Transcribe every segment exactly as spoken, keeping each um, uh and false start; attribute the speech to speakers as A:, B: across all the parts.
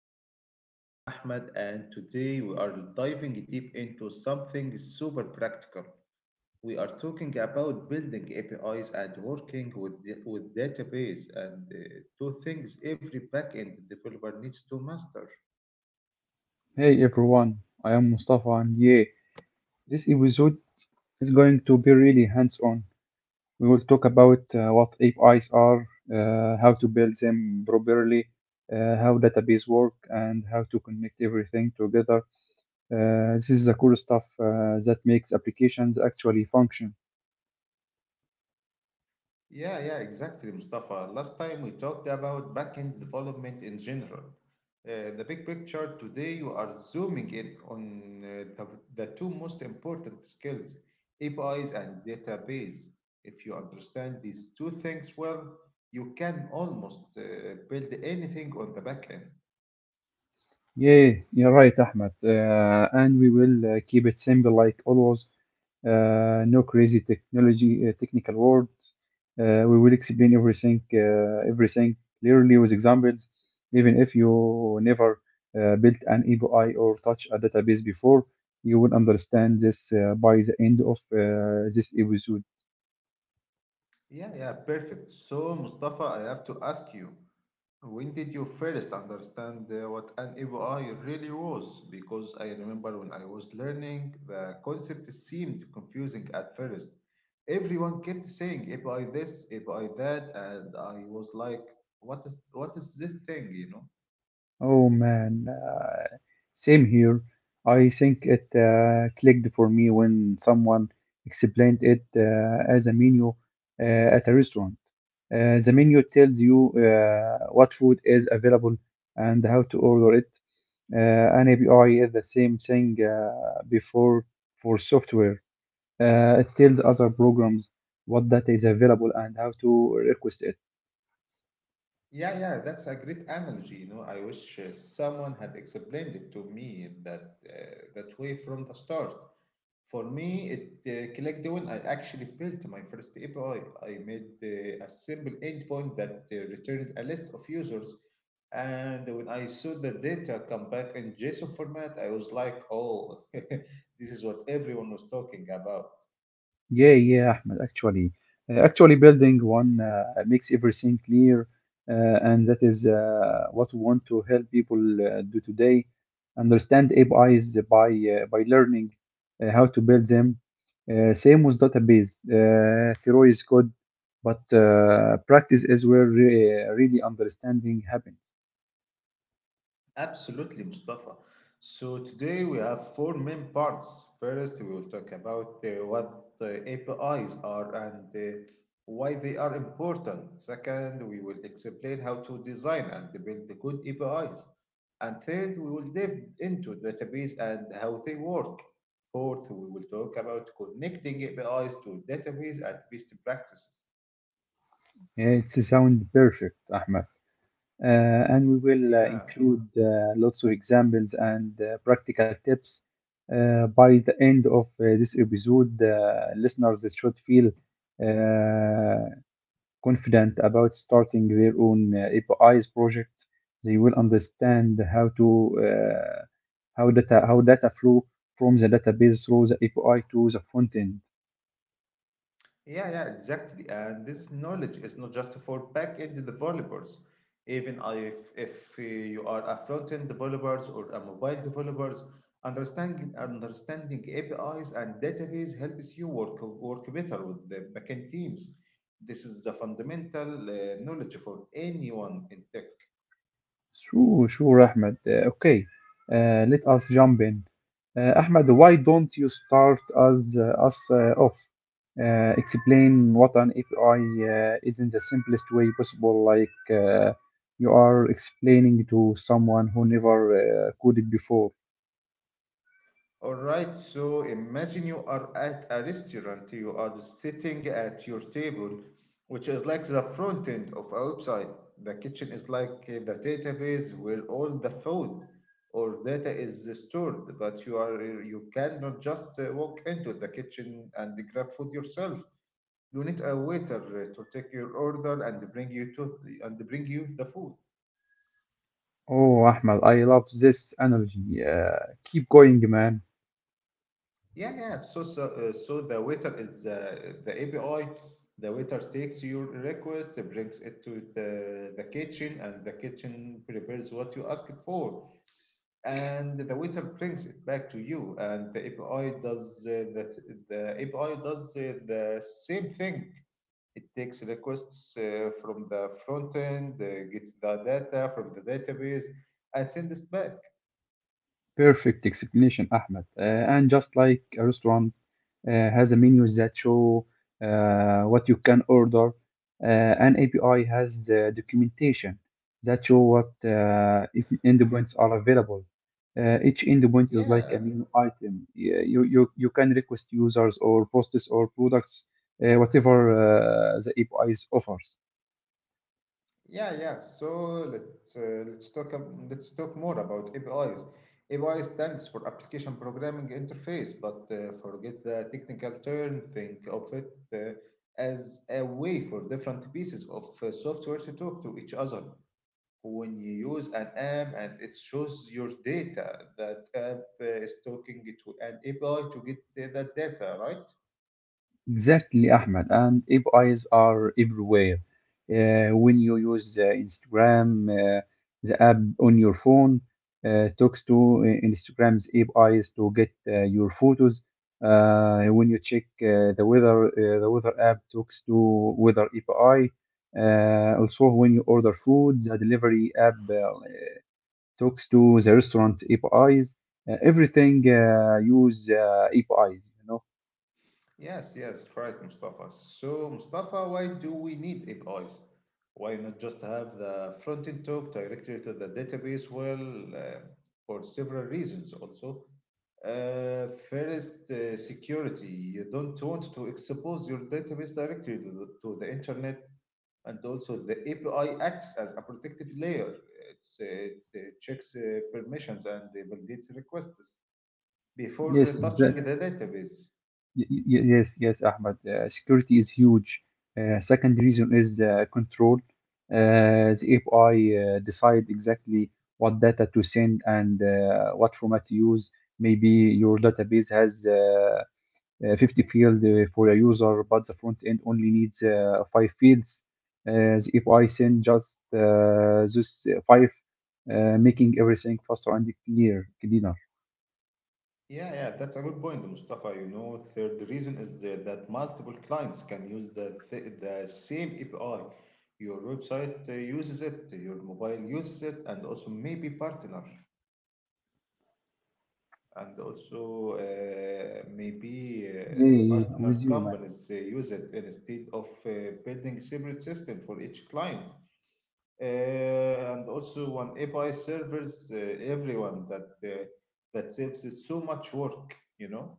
A: Egypt. I am Ahmed and today we are diving deep into something super practical. We are talking about building A P Is and working with, the, with database and uh, two things every backend developer needs to master.
B: Hey everyone, I am Mustafa and yeah, this episode is going to be really hands-on. We will talk about uh, what A P Is are, uh, how to build them properly, uh, how database work, and how to connect everything together. Uh, this is the cool stuff uh, that makes applications actually function.
A: Yeah, yeah, exactly, Mustafa. Last time we talked about backend development in general. Uh, the big picture today, you are zooming in on uh, the, the two most important skills, A P Is and database. If you understand these two things well, you can almost uh, build anything on the backend.
B: Yeah, you're right, Ahmed. Uh, and we will uh, keep it simple like always. Uh, no crazy technology, uh, technical words. Uh, we will explain everything, uh, everything clearly with examples, even if you never uh, built an A P I or touch a database before. You will understand this uh, by the end of uh, this episode.
A: Yeah, yeah, perfect. So, Mustafa, I have to ask you. When did you first understand uh, what an A P I really was? Because I remember when I was learning, the concept seemed confusing at first. Everyone kept saying A P I this, A P I that, and I was like, what is what is this thing, you know?
B: Oh man, uh, same here. I think it uh, clicked for me when someone explained it uh, as a menu uh, at a restaurant. Uh, the menu tells you uh, what food is available and how to order it. Uh, an A P I is the same thing uh, before for software. Uh, it tells other programs what data is available and how to request it.
A: Yeah, yeah, that's a great analogy, you know. I wish uh, someone had explained it to me in that uh, that way from the start. For me, it uh, clicked when I actually built my first A P I. I I made uh, a simple endpoint that uh, returned a list of users. And when I saw the data come back in J SON format, I was like, oh, this is what everyone was talking about.
B: Yeah, yeah, Ahmed, actually. Uh, actually, building one uh, makes everything clear, uh, and that is uh, what we want to help people uh, do today. Understand A P Is by, uh, by learning uh, how to build them. Uh, same with database. Uh, theory is good, but uh, practice is where re- really understanding happens.
A: Absolutely, Mustafa. So today we have four main parts. First, we will talk about uh, what uh, A P Is are and uh, why they are important. Second, we will explain how to design and build the good A P Is. And third, we will dive into database and how they work. Fourth, we will talk about connecting A P Is to database and best practices.
B: Yeah, it sounds perfect, Ahmed. Uh, and we will uh,
A: Yeah.
B: include uh, lots of examples and uh, practical tips. Uh, by the end of uh, this episode, uh, listeners should feel uh, confident about starting their own uh, A P Is project. They will understand how to uh, how data how data flow from the database through the A P I to the front end.
A: Yeah, yeah, exactly. And this knowledge is not just for back-end developers. Even if if uh, you are a front-end developers or a mobile developers, understanding understanding A P Is and database helps you work work better with the backend teams. This is the fundamental uh, knowledge for anyone in tech.
B: Sure, sure, Ahmed. Uh, okay, uh, let us jump in. Uh, Ahmed, why don't you start us, uh, us uh, off? Uh, explain what an A P I uh, is in the simplest way possible, like uh, you are explaining to someone who never uh, coded before.
A: All right, so imagine you are at a restaurant, you are sitting at your table, which is like the front end of a website. The kitchen is like uh, the database where all the food or data is stored, but you are you cannot just uh, walk into the kitchen and grab food yourself. You need a waiter uh, to take your order and bring you to and bring you the food.
B: Oh, Ahmed, I love this analogy. Uh, keep going, man.
A: Yeah, yeah. So, so, uh, so the waiter is uh, the A P I. The waiter takes your request, brings it to the, the kitchen, and the kitchen prepares what you asked for. And the waiter brings it back to you, and the A P I does uh, the the A P I does uh, the same thing. It takes requests uh, from the front end, uh, gets the data from the database, and sends it back.
B: Perfect explanation, Ahmed. Uh, and just like a restaurant, uh, has a menus that show uh, what you can order. Uh, an A P I has the documentation that show what uh, e- endpoints are available. Uh, each endpoint is like
A: Yeah.
B: a menu item. Yeah, You, you, you can request users or posts or products, uh, whatever uh, the A P I offers.
A: Yeah, yeah. So let's uh, let's talk ab- let's talk more about A P Is. A P I stands for Application Programming Interface, but uh, forget the technical term. Think of it uh, as a way for different pieces of uh, software to talk to each other. When you use an app and it shows your data, that app uh, is talking to an A P I to get uh, that data, right?
B: Exactly, Ahmed. And if eyes are everywhere. Uh, when you use uh, Instagram, uh, the app on your phone, uh, talks to uh, Instagram's A P Is to get uh, your photos. Uh, when you check uh, the weather, uh, the weather app talks to weather A P I. Uh, also, when you order food, the delivery app uh, talks to the restaurant A P Is. Uh, everything uh, use uh, A P Is, you know.
A: Yes, yes, right, Mustafa. So, Mustafa, why do we need A P Is? Why not just have the front end talk directly to the database? Well, uh, for several reasons also. Uh, first, uh, security. You don't want to expose your database directly to the, to the internet, and also the A P I acts as a protective layer. It's, uh, it uh, checks uh, permissions and validates requests before
B: Yes,
A: uh, touching
B: exactly.
A: the database.
B: Y- y- Yes, yes, Ahmed. Uh, security is huge. Uh, second reason is uh, control. Uh, the A P I uh, decide exactly what data to send and uh, what format to use. Maybe your database has uh, uh, fifty fields for a user, but the front end only needs uh, five fields. Uh, the A P I send just uh, those uh, five, uh, making everything faster and clear, cleaner.
A: Yeah, yeah, that's a good point, Mustafa. You know, third reason is that that multiple clients can use the th the same A P I. Your website uh, uses it, your mobile uses it, and also maybe partner, and also uh, maybe
B: Yeah,
A: uh,
B: yeah, yeah,
A: partner
B: with you, man.
A: companies uh, use it instead of uh, building separate system for each client. Uh, and also one A P I servers uh, everyone, that uh, that saves so much work, you know.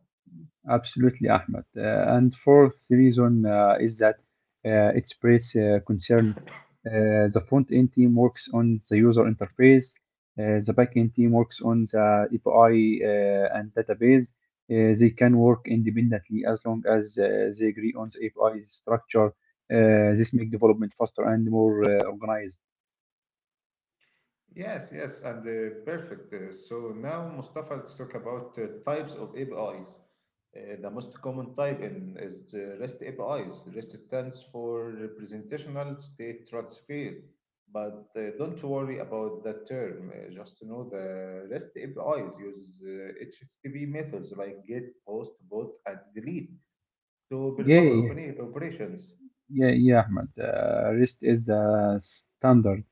B: Absolutely, Ahmed. Uh, and fourth reason uh, is that uh, express uh, concern. Uh, the front end team works on the user interface. Uh, the back end team works on the A P I uh, and database. Uh, they can work independently as long as uh, they agree on the A P I structure. Uh, this makes development faster and more uh, organized.
A: Yes, yes, and uh, perfect. Uh, so now, Mustafa, let's talk about uh, types of A P Is. Uh, the most common type in is the REST A P Is. REST stands for Representational State Transfer, but uh, don't worry about that term. Uh, just know the REST A P Is use uh, H T T P methods like GET, POST, BOT, and DELETE to
B: Yeah,
A: perform
B: yeah,
A: opera- operations.
B: yeah, yeah, Ahmed. Uh, REST is the standard.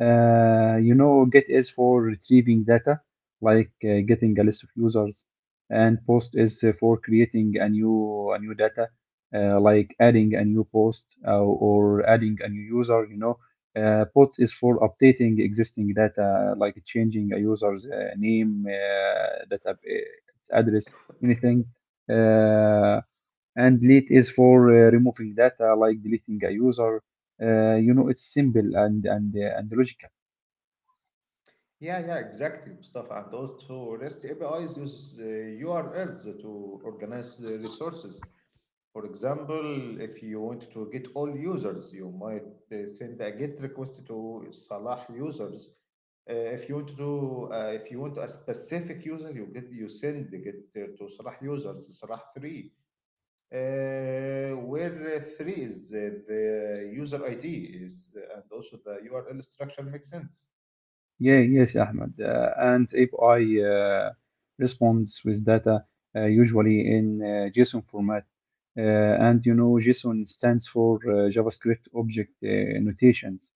B: Uh, you know, Git is for retrieving data, like uh, getting a list of users, and Post is uh, for creating a new a new data, uh, like adding a new post uh, or adding a new user. You know, uh, Pod is for updating existing data, like changing a user's uh, name, uh, data its address, anything. Uh, and delete is for uh, removing data, like deleting a user, uh, you know, it's simple and and uh, and logical.
A: Yeah, yeah, exactly, Mustafa. And also, REST A P Is use uh, U RLs to organize the resources. For example, if you want to get all users, you might uh, send a GET request to Salah users. Uh, if you want to, uh, if you want a specific user, you get you send the GET uh, to Salah users, Salah three, uh, where uh, three is uh, the user I D is, and also the U R L structure makes sense.
B: Yeah, yes, Ahmed. Uh, and if I uh, responds with data, uh, usually in uh, JSON format, uh, and you know, JSON stands for uh, JavaScript Object uh, Notations.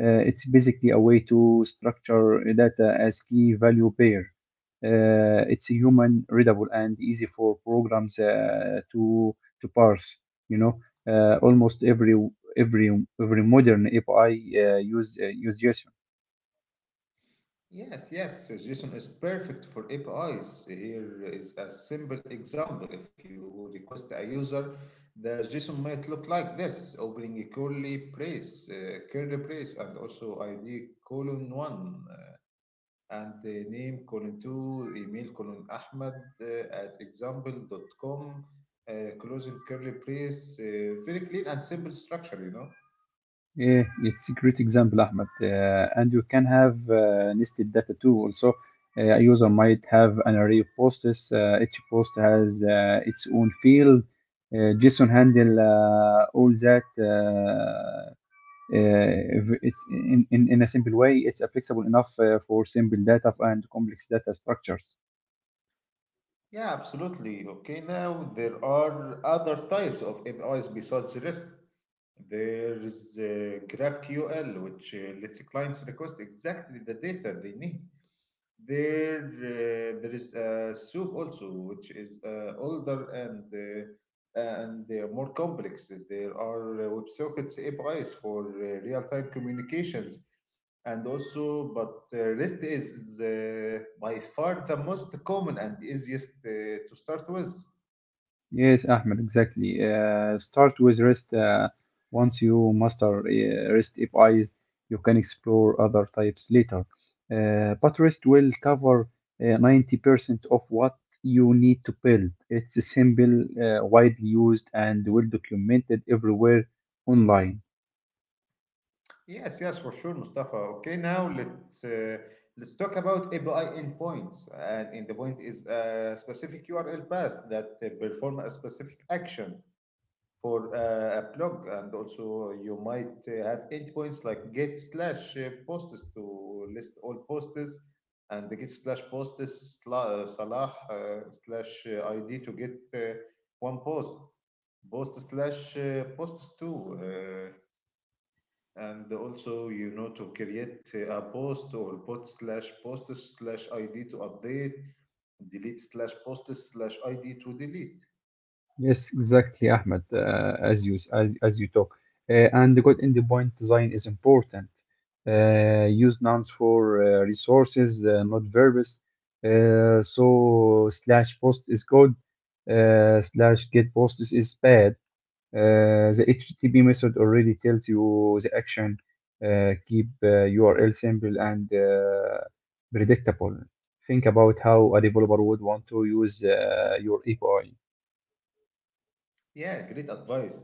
B: Uh, it's basically a way to structure data as key value pair. Uh, it's human readable and easy for programs uh, to to parse. You know, uh, almost every every every modern A P I uh, use uh, use JSON.
A: Yes, yes, suggestion is perfect for A P Is. Here is a simple example. If you request a user, the J SON might look like this, opening a curly brace, uh, curly brace, and also I D colon one, and the name colon two, email colon Ahmed uh, at example dot com, uh, closing curly brace. Uh, very clean and simple structure, you know.
B: Yeah, it's a great example, Ahmed. Uh, and you can have uh, nested data too. Also, uh, a user might have an array of posts. Uh, each post has uh, its own field. Uh, JSON handle uh, all that. Uh, uh, if it's in, in, in a simple way. It's uh, flexible enough uh, for simple data and complex data structures.
A: Yeah, absolutely. Okay, now there are other types of A P Is besides REST. There is uh, graph Q L, which uh, lets clients request exactly the data they need. There, uh, there is uh, SOAP also, which is uh, older and uh, and uh, more complex. There are uh, WebSockets A P Is for uh, real-time communications, and also, but uh, REST is uh, by far the most common and easiest uh, to start with.
B: Yes, Ahmed, exactly. Uh, start with REST. Uh, once you master uh, REST A P Is, you can explore other types later. Uh, but REST will cover uh, ninety percent of what you need to build. It's simple, uh, widely used, and well documented everywhere online.
A: Yes, yes, for sure, Mustafa. Okay, now let's uh, Let's talk about A P I endpoints. And endpoint is a specific U R L path that uh, perform a specific action for uh, a blog. And also, you might uh, have endpoints like get slash uh, posts to list all posts, and the get slash posts sla- uh, salah uh, slash uh, I D to get uh, one post post slash uh, post two. uh, and also you know to create a post or bot slash post slash id to update delete slash post slash id to delete.
B: Yes, exactly, Ahmed, uh, as you as, as you talk. Uh, and the good endpoint point design is important. Uh, use nouns for uh, resources, uh, not verbs. Uh, so slash post is good. Uh, slash get post is, is bad. Uh, the H T T P method already tells you the action. Uh, keep uh, U R L simple and uh, predictable. Think about how a developer would want to use uh, your A P I.
A: Yeah, great advice.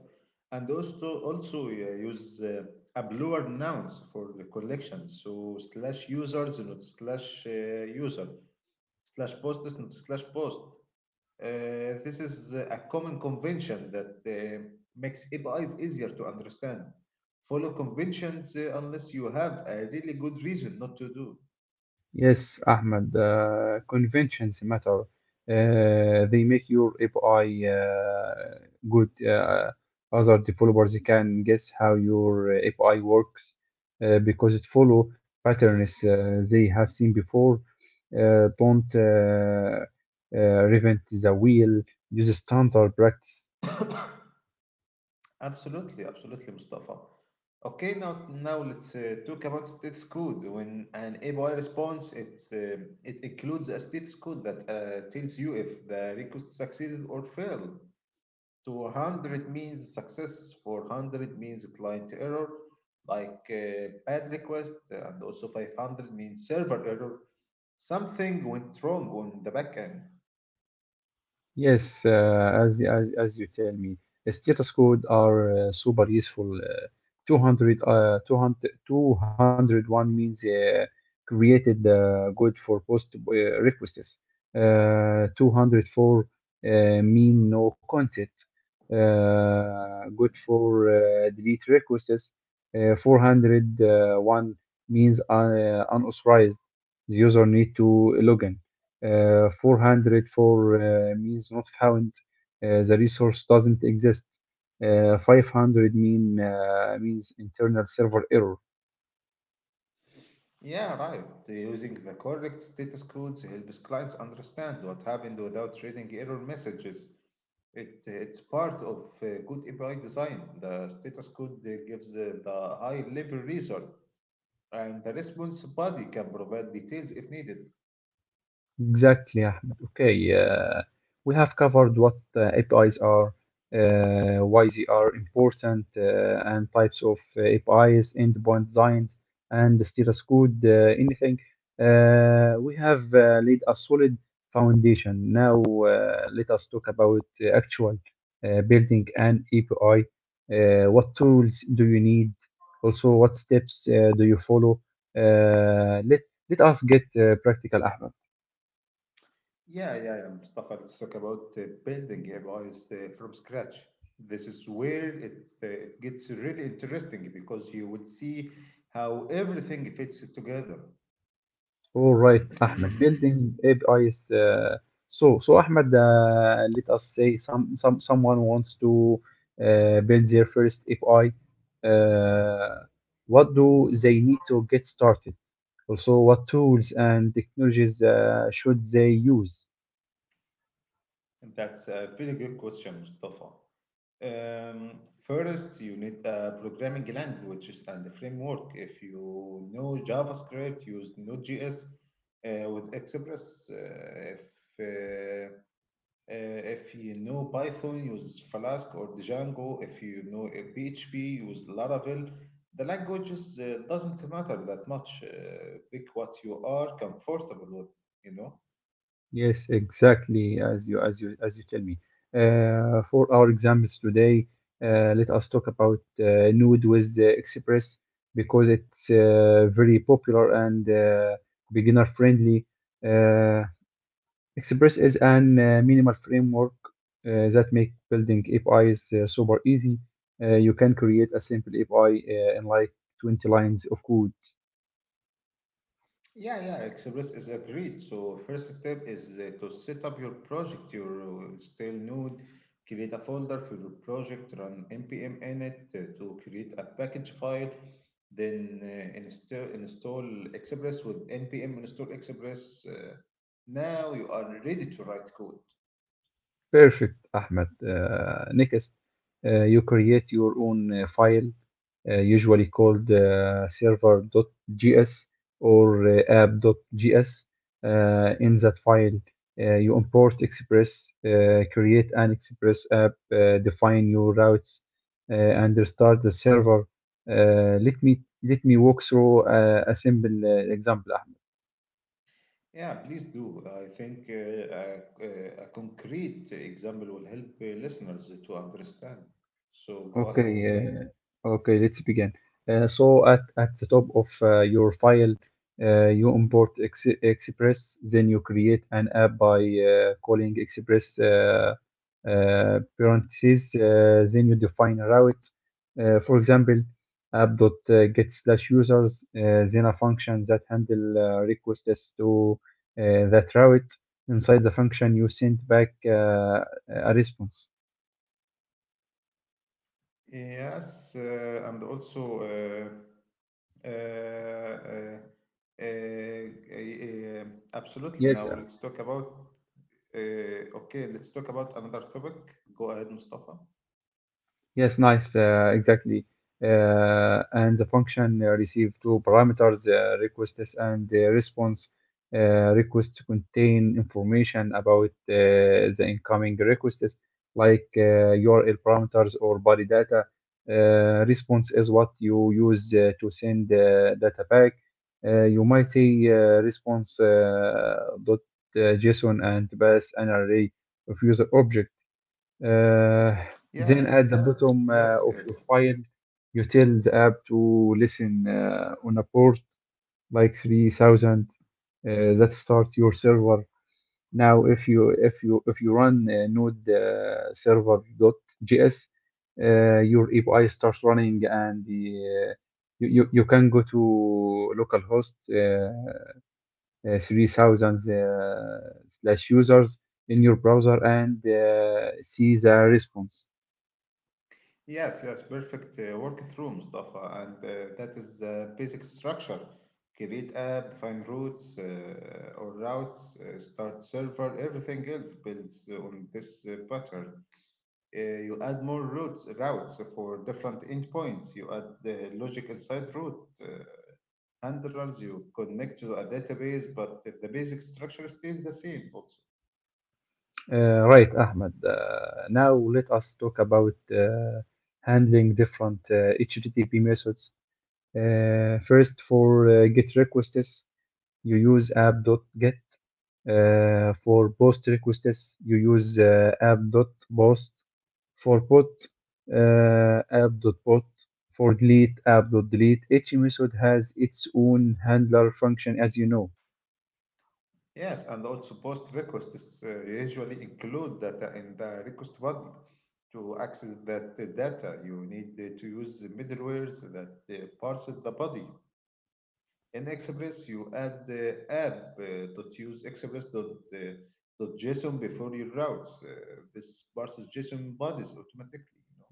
A: And also also uh, use uh, a bluer nouns for the collection, so slash users, not slash uh, user slash post, not slash post. Uh, this is a common convention that uh, makes A P Is easier to understand. Follow conventions uh, unless you have a really good reason not to do.
B: Yes, Ahmed, uh, conventions matter. Uh, they make your A P I uh, good. Uh, other developers can guess how your uh, A P I works uh, because it follow patterns uh, they have seen before. Uh, don't uh, uh, reinvent the wheel. Use standard practice.
A: Absolutely, absolutely, Mustafa. Okay, now now let's uh, talk about status code. When an A P I responds, it uh, it includes a status code that uh, tells you if the request succeeded or failed. To one hundred means success, four hundred means client error, like uh, bad request, uh, and also five hundred means server error. Something went wrong on the back end.
B: Yes, uh, as, as as you tell me, status code are uh, super useful. Uh, two hundred, uh, two hundred means uh, created, uh, good for post uh, requests. Uh, two zero four uh, mean no content, uh, good for uh, delete requests. Uh, four oh one means uh, unauthorized, the user need to log in. Uh, four hundred uh, means not found. Uh, the resource doesn't exist. Uh, five hundred mean uh, means internal server error.
A: Yeah, right. Using the correct status codes helps clients understand what happened without reading error messages. It, it's part of uh, good A P I design. The status code uh, gives uh, the high level result, and the response body can provide details if needed.
B: Exactly, Ahmed. Okay, uh, we have covered what uh, A P Is are, uh, why they are important, uh, and types of uh, A P Is, endpoint designs, and the status code, uh, anything. Uh, we have uh, laid a solid foundation. Now, uh, let us talk about uh, actual uh, building an A P I. Uh, what tools do you need? Also, what steps uh, do you follow? Uh, let let us get uh, practical, Ahmed.
A: Yeah, yeah, yeah, Mustafa, let's talk about uh, building A P Is uh, from scratch. This is where it, uh, it gets really interesting because you will see how everything fits together.
B: All right, Ahmed. Building A P Is. Uh, so, so Ahmed, uh, let us say some, some someone wants to uh, build their first A P I. Uh, what do they need to get started? Also, what tools and technologies uh, should they use?
A: That's a very good question, Mustafa. Um, First, you need a programming languages and a framework. If you know JavaScript, use node dot J S uh, with Express. Uh, if uh, Uh, if you know Python, use Flask or Django. If you know uh, P H P, use Laravel. The languages uh, doesn't matter that much. Uh, pick what you are comfortable with, you know.
B: Yes, exactly, as you as you as you tell me. Uh, for our examples today, uh, let us talk about uh, Nude with uh, Express because it's uh, very popular and uh, beginner friendly. Uh, Express is an uh, minimal framework uh, that make building A P Is uh, super easy. Uh, you can create a simple A P I uh, in like twenty lines of code.
A: Yeah, yeah, Express is agreed. So first step is uh, to set up your project, your uh, stale node, create a folder for your project, run npm init uh, to create a package file, then uh, install install Express with npm install Express. Uh, now you are ready to write code.
B: Perfect, Ahmed. Uh, next, uh, you create your own uh, file, uh, usually called uh, server.js or uh, app.js. Uh, in that file, uh, you import Express, uh, create an Express app, uh, define your routes, uh, and start the server. Uh, let me let me walk through uh, a simple uh, example.
A: Yeah, please do. I think uh, a, a concrete example will help uh, listeners to understand. So go ahead.
B: Okay, uh, okay, let's begin. Uh, so at, at the top of uh, your file, uh, you import Ex Express, then you create an app by uh, calling Express uh, uh, parentheses, uh, then you define a route. Uh, for example, app.get slash users, uh, then a function that handle uh, requests to uh, that route. Inside the function, you send back uh, a response.
A: Yes, uh, and also uh, uh, uh, uh, uh, uh, Absolutely.
B: Yes,
A: Now let's talk about. Uh, okay, Let's talk about another topic. Go ahead, Mustafa.
B: yes, nice. Uh, exactly. Uh, and the function uh, receive two parameters, uh, requests and uh, response. Uh, requests contain information about uh, the incoming requests, like uh, U R L parameters or body data. Uh, response is what you use uh, to send uh, data back. Uh, you might say uh, response uh, dot uh, JSON and pass an array of user objects. Uh, then at the
A: Yes,
B: bottom uh,
A: yes,
B: of your
A: yes,
B: file, you tell the app to listen uh, on a port like three thousand, uh, that start your server. Now, if you if you if you run uh, node uh, server.js, uh, your A P I starts running and the, uh, you, you you can go to localhost uh, uh, three thousand uh, slash users in your browser and uh, see the response.
A: yes, yes. Perfect uh, work through, Mustafa, and uh, that is uh, basic structure. Create app, define routes uh, or routes, uh, start server. Everything else builds on this uh, pattern. Uh, you add more routes routes for different endpoints. You add the logic inside route uh, handlers. You connect to a database, but the basic structure stays the same. Also,
B: Uh, Right, Ahmed. Uh, Now let us talk about uh, handling different uh, H T T P methods. Uh, First, for uh, GET requests, you use app.get. Uh, For POST requests, you use uh, app.post. For P O T, uh, app.pot. For delete, app.delete. Each method has its own handler function, as you know.
A: yes, and also post requests uh, usually include data in the request body. To access that uh, data, you need uh, to use the middlewares that uh, parse the body. In Express, you add the app uh, dot use express dot, uh, dot J SON before your routes. Uh, this parses J SON bodies automatically. You know.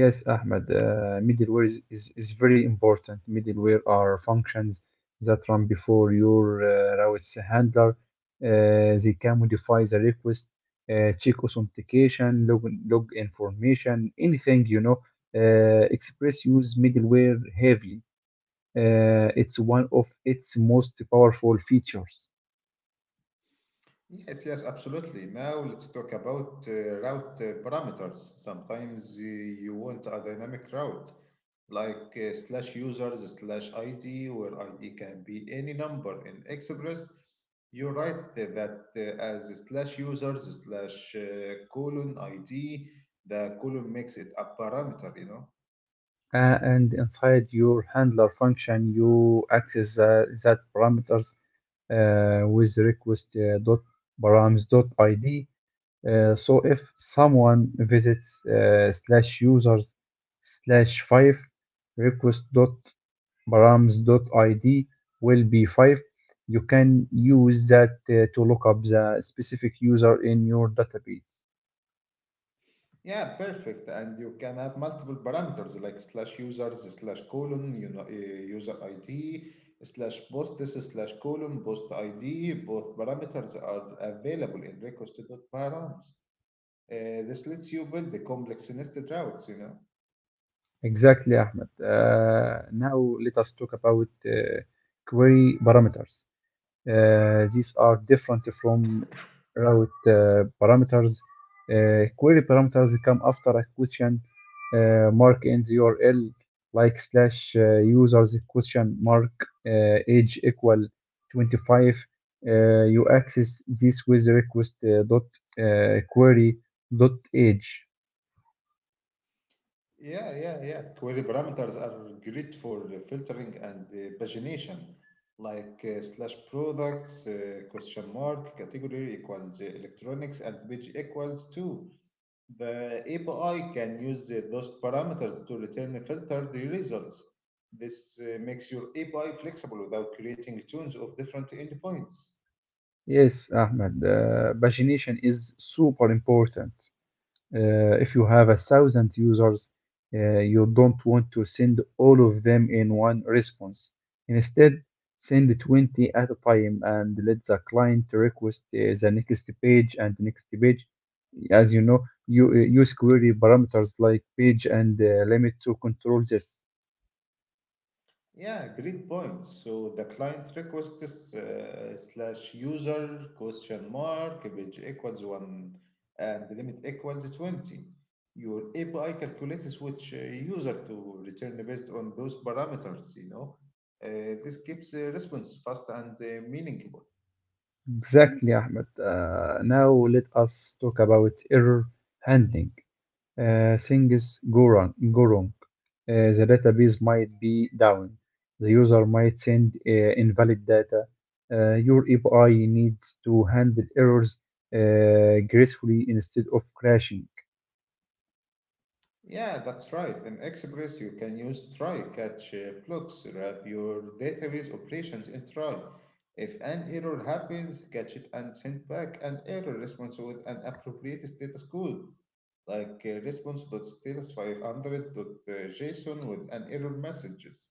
B: Yes, Ahmed, uh, middleware is, is, is very important. Middleware are functions that run before your uh, routes handler. Uh, they can modify the request, uh, check authentication, log, log information, anything, you know. Uh, Express use middleware heavily. Uh, it's one of its most powerful features.
A: Yes, yes, absolutely. Now let's talk about uh, route uh, parameters. Sometimes uh, you want a dynamic route, like uh, slash users slash I D, where I D can be any number. In Express, you write uh, that uh, as slash users slash uh, colon I D. The colon makes it a parameter, you know.
B: Uh, and inside your handler function, you access uh, that parameters uh, with request uh, dot params dot id. Uh, so if someone visits uh, slash users slash five request dot params dot id will be five. You can use that uh, to look up the specific user in your database.
A: Yeah, perfect. And you can have multiple parameters like slash users, slash colon, you know, uh, user I D, slash posts, slash colon, post I D. Both parameters are available in request.params. Uh, this lets you build the complex nested routes, you know.
B: Exactly, Ahmed. Uh, now let us talk about uh, query parameters. Uh, these are different from route uh, parameters. Uh, query parameters come after a question uh, mark in the U R L, like slash uh, users question mark uh, age equal twenty-five. Uh, you access this with request uh, dot uh, query dot age.
A: Yeah, yeah, yeah. Query parameters are great for uh, filtering and uh, pagination, like uh, slash products, uh, question mark, category equals uh, electronics, and page equals two. The A P I can use uh, those parameters to return filtered results. This uh, makes your A P I flexible without creating tunes of different endpoints.
B: Yes, Ahmed, uh, pagination is super important. Uh, if you have a thousand users, uh, you don't want to send all of them in one response. Instead, send twenty at a time and let the client request uh, the next page and next page. As you know, you uh, use query parameters like page and uh, limit to control this.
A: Yeah, great point. So the client requests uh, slash user question mark page equals one and the limit equals twenty. Your A P I calculates which uh, user to return based on those parameters, you know. Uh, this keeps uh, response fast and uh, meaningful.
B: Exactly, Ahmed. Uh, now let us talk about error handling. Uh, things go wrong. Go wrong. Uh, the database might be down. The user might send uh, invalid data. Uh, your A P I needs to handle errors uh, gracefully instead of crashing.
A: Yeah, that's right. In Express, you can use try catch uh, blocks, wrap your database operations in try. If an error happens, catch it and send back an error response with an appropriate status code, like uh, responsestatus five hundred dot JSON with an error messages.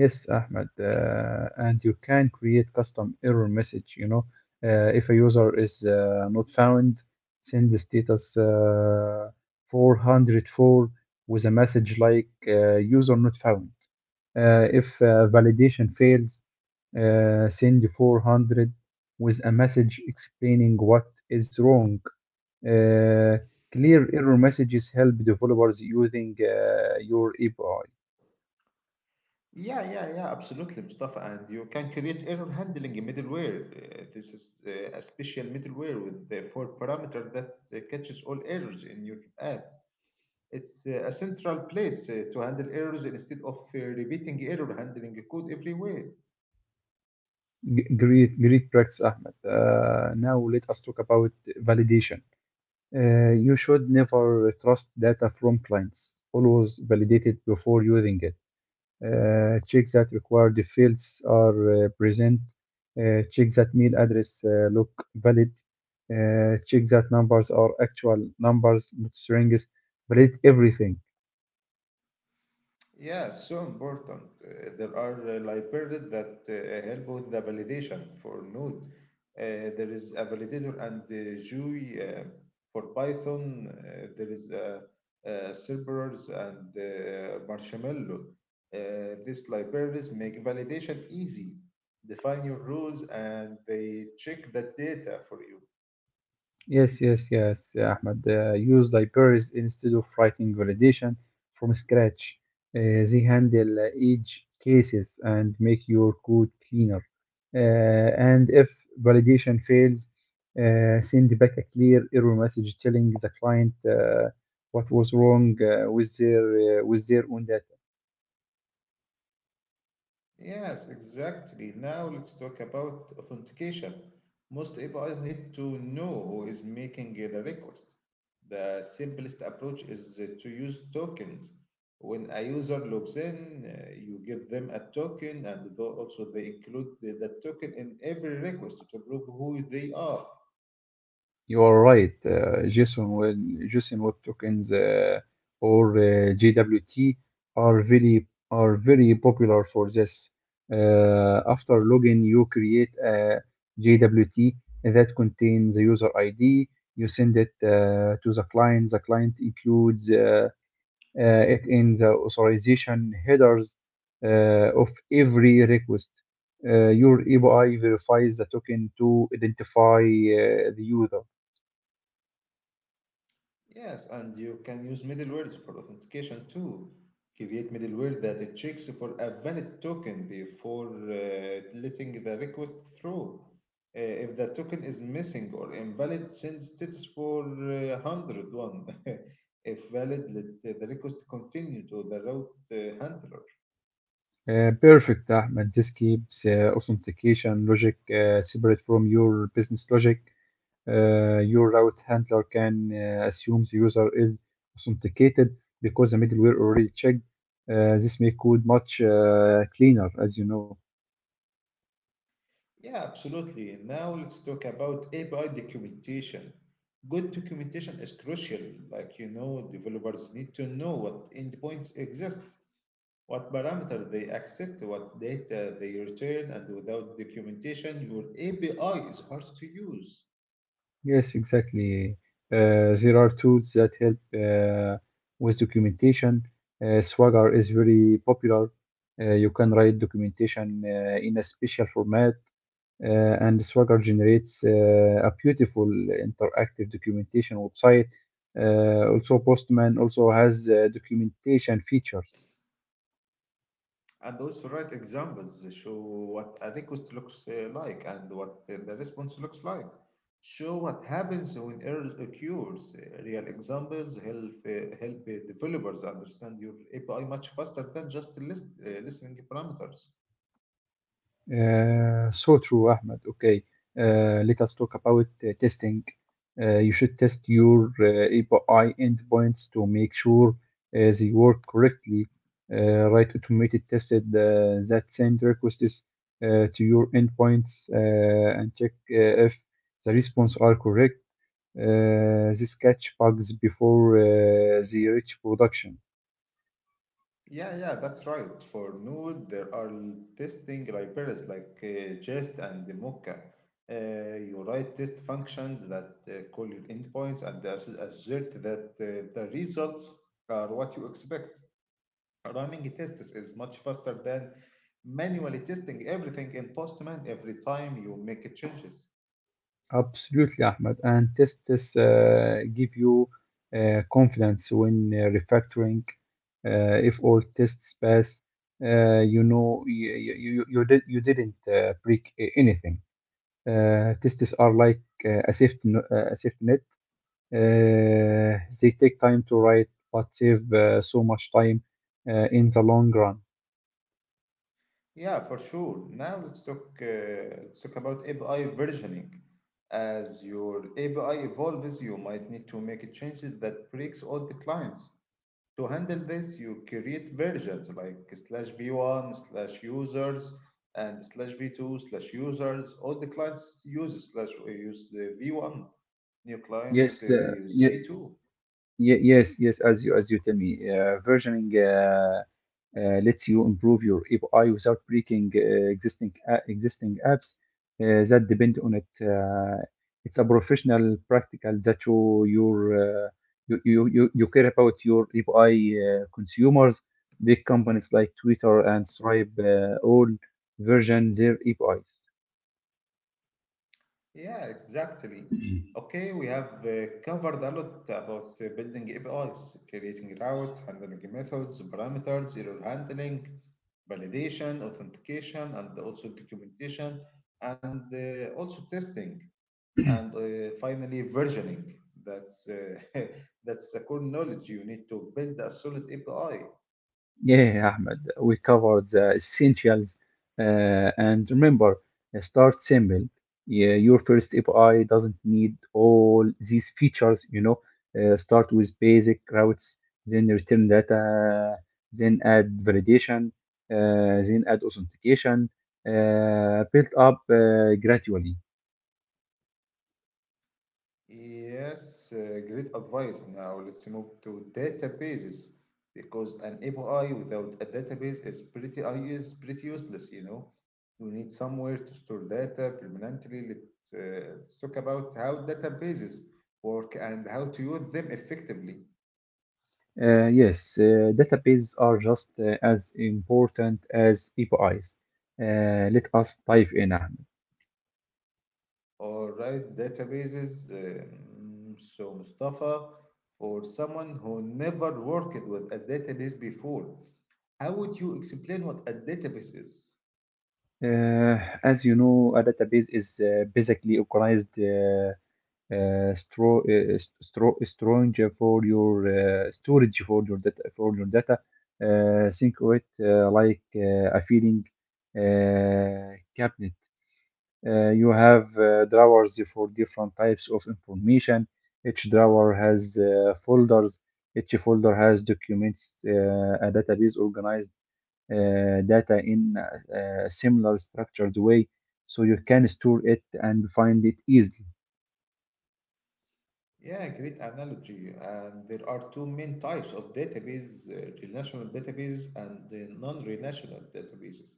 B: Yes, Ahmed, uh, and you can create custom error message. You know, uh, if a user is uh, not found, send the status uh, four hundred four with a message like uh, "user not found." Uh, if uh, validation fails, uh, send four hundred with a message explaining what is wrong. Uh, Clear error messages help developers using uh, your A P I.
A: Yeah, yeah, yeah, absolutely, Mustafa. And you can create error handling middleware. Uh, this is uh, a special middleware with the four parameter that uh, catches all errors in your app. It's uh, a central place uh, to handle errors instead of uh, repeating error handling code everywhere.
B: G- Great, great practice, Ahmed. Uh, now let us talk about validation. Uh, you should never trust data from clients. Always validate it before using it. Uh, check that required fields are uh, present. Uh, check that mail address uh, look valid. Uh, check that numbers are actual numbers, not strings. Validate everything.
A: Yeah, so important. Uh, there are uh, libraries that uh, help with the validation for Node. Uh, there is a validator and uh, GUI uh, for Python. Uh, there is uh, uh, Cerberus and uh, Marshmallow. Uh, these libraries make validation easy, define your rules, and they check the data for you.
B: Yes, yes, yes, uh, Ahmed. Uh, use libraries instead of writing validation from scratch. Uh, they handle uh, each cases and make your code cleaner. Uh, and if validation fails, uh, send back a clear error message telling the client uh, what was wrong uh, with their uh, with their own data.
A: Yes, exactly. Now let's talk about authentication. Most A P Is need to know who is making the request. The simplest approach is uh, to use tokens. When a user logs in, uh, you give them a token, and tho- also they include the, the token in every request to prove who they are.
B: You are right. Uh, Jason Webb, Jason Webb tokens uh, or uh, J W T are very are very popular for this. Uh, after login, you create a J W T that contains the user I D. You send it uh, to the client. The client includes uh, uh, it in the authorization headers uh, of every request. Uh, your A P I verifies the token to identify uh, the user.
A: Yes, and you can use middlewares for authentication too. Create middleware that it checks for a valid token before uh, letting the request through. Uh, if the token is missing or invalid, send status for uh, one zero one. If valid, let the request continue to the route uh, handler.
B: Uh, perfect, Ahmed. This keeps uh, authentication logic uh, separate from your business logic. Uh, your route handler can uh, assume the user is authenticated because the middleware already checked. Uh, this makes code much uh, cleaner, as you know.
A: Yeah, absolutely. Now let's talk about A P I documentation. Good documentation is crucial. Like you know, developers need to know what endpoints exist, what parameter they accept, what data they return, and without documentation, your A P I is hard to use.
B: Yes, exactly. Uh, there are tools that help uh, with documentation. Uh, Swagger is very popular. Uh, you can write documentation uh, in a special format. Uh, and Swagger generates uh, a beautiful interactive documentation website. Uh, also, Postman also has uh, documentation features.
A: And also write examples show what a request looks uh, like and what uh, the response looks like. Show what happens when error occurs. Uh, Real examples help uh, help uh, developers understand your A P I much faster than just list, uh, listening parameters.
B: Uh, so true, Ahmed. Okay, uh, let us talk about uh, testing. Uh, you should test your uh, A P I endpoints to make sure uh, they work correctly. Uh, write automated tests uh, that send requests uh, to your endpoints uh, and check uh, if the response are correct. Uh, these catch bugs before uh, they reach production.
A: Yeah, yeah, that's right. For Node, there are l- testing libraries like uh, Jest and the Mocha. Uh, you write test functions that uh, call your endpoints and ass- assert that uh, the results are what you expect. Running tests is much faster than manually testing everything in Postman every time you make changes.
B: Absolutely, Ahmed. And tests uh, give you uh, confidence when uh, refactoring. Uh, if all tests pass, uh, you know you, you, you, did, you didn't uh, break a- anything. Uh, tests are like uh, a safety, no- uh, a safety net. Uh, they take time to write, but save uh, so much time uh, in the long run.
A: Yeah, for sure. Now let's talk uh, let's talk about A P I versioning. As your A P I evolves, you might need to make changes that breaks all the clients. To handle this, you create versions like slash v one slash users and slash v two slash users. All the clients use slash use uh, v one. New clients uh,
B: Yes, uh,
A: use v two.
B: Ye- Yes, yes, as you as you tell me, uh, versioning uh, uh, lets you improve your A P I without breaking uh, existing a- existing apps uh, that depend on it. Uh, it's a professional practical that you your uh, you, you you you care about your A P I uh, consumers. Big companies like Twitter and Stripe uh, all version their A P Is.
A: Yeah, exactly. Okay, we have uh, covered a lot about uh, building A P Is, creating routes, handling methods, parameters, error handling, validation, authentication, and also documentation, and uh, also testing, and uh, finally versioning. That's uh, that's the core knowledge you need to build a solid A P I.
B: Yeah, yeah, Ahmed, we covered the essentials. Uh, and remember, uh, start simple. Yeah, your first A P I doesn't need all these features, you know. Uh, start with basic routes, then return data, then add validation, uh, then add authentication, uh, built up uh, gradually.
A: Yes, uh, great advice. Now let's move to databases because an A P I without a database is pretty uh, is pretty useless, you know. You need somewhere to store data permanently. Let's, uh, let's talk about how databases work and how to use them effectively.
B: Uh, yes, uh, databases are just uh, as important as A P Is. Uh, let us dive in, Ahmed.
A: All right, databases. Um, so Mustafa, for someone who never worked with a database before, how would you explain what a database is?
B: Uh, as you know, a database is uh, basically organized uh, uh, stro- uh, stro- strange for your uh, storage for your data for your data. Uh, think of it uh, like uh, a feeding uh, cabinet. Uh, you have uh, drawers for different types of information. Each drawer has uh, folders. Each folder has documents. Uh, a database organized uh, data in uh, a similar structured way so you can store it and find it easily.
A: Yeah, great analogy. And there are two main types of database, uh, relational database and the non-relational databases.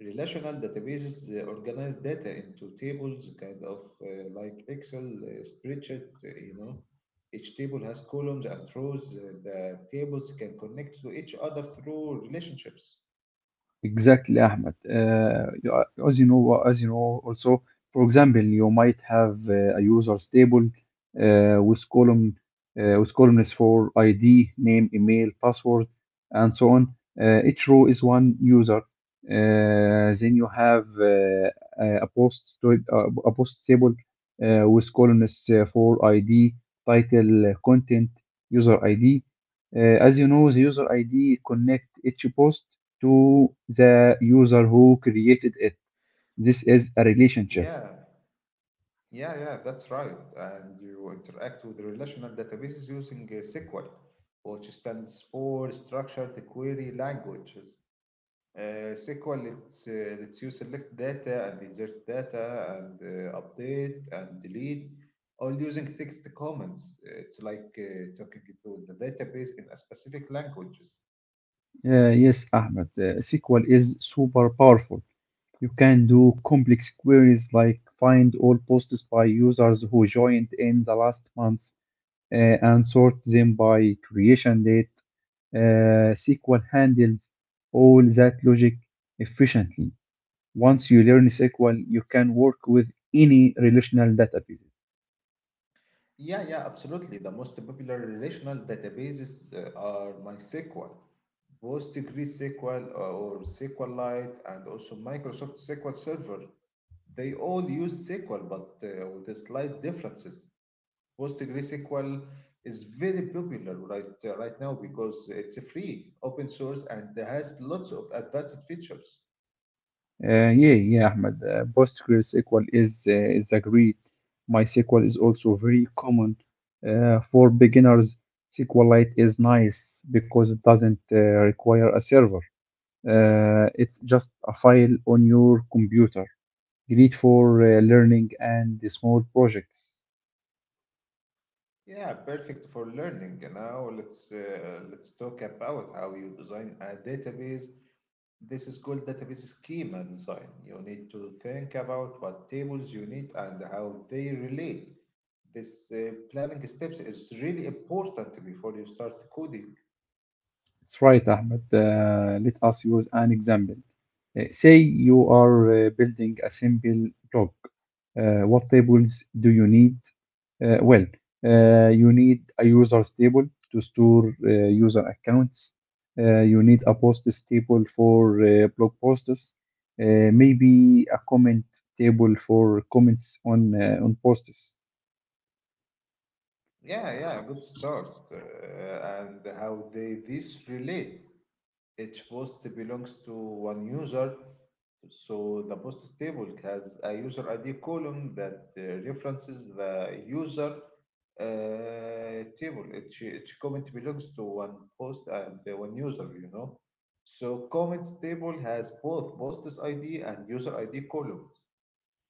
A: Relational databases uh, organize data into tables, kind of uh, like Excel uh, spreadsheet, uh, you know. Each table has columns and rows. Uh, the tables can connect to each other through relationships.
B: Exactly, Ahmed. Uh, you are- as you know, as you know, also, for example, you might have uh, a user table uh, with column uh, with columns for I D, name, email, password, and so on. Uh, each row is one user. Uh, then you have uh, a a post to- a post table uh, with columns uh, for I D, title, uh, content, user I D. Uh, as you know, the user I D connect each post to the user who created it. This is a relationship.
A: Yeah, yeah, yeah, that's right. And you interact with relational databases using uh, S Q L, which stands for Structured Query Languages. Uh, S Q L lets, uh, lets you select data and insert data and uh, update and delete, all using text commands. It's like uh, talking to the database in a specific language.
B: Uh, yes, Ahmed, uh, S Q L is super powerful. You can do complex queries like find all posts by users who joined in the last month uh, and sort them by creation date. Uh, S Q L handles all that logic efficiently. Once you learn S Q L, you can work with any relational databases.
A: Yeah, yeah, absolutely. The most popular relational databases uh, are MySQL, PostgreSQL, uh, or SQLite, and also Microsoft S Q L Server. They all use S Q L, but uh, with a slight differences. PostgreSQL is very popular right uh, right now because it's free, open source, and has lots of advanced features.
B: Uh, yeah, yeah, Ahmed. Uh, PostgreSQL is uh, is agreed. MySQL is also very common uh, for beginners. SQLite is nice because it doesn't uh, require a server. Uh, it's just a file on your computer. Great for uh, learning and small projects.
A: Yeah, perfect for learning. Now let's uh, let's talk about how you design a database. This is called database schema design. You need to think about what tables you need and how they relate. This uh, planning steps is really important before you start coding.
B: That's right, Ahmed. Uh, let us use an example. Uh, say you are uh, building a simple blog. Uh, what tables do you need? Uh, well, uh, you need a users table to store uh, user accounts. Uh, you need a posts table for uh, blog posts. Uh, maybe a comment table for comments on uh, on posts.
A: Yeah, yeah, good start. Uh, and how they this relate. Each post belongs to one user, so the post table has a user I D column that uh, references the user uh, table. Each, each comment belongs to one post and uh, one user, you know. So comments table has both posts I D and user I D columns.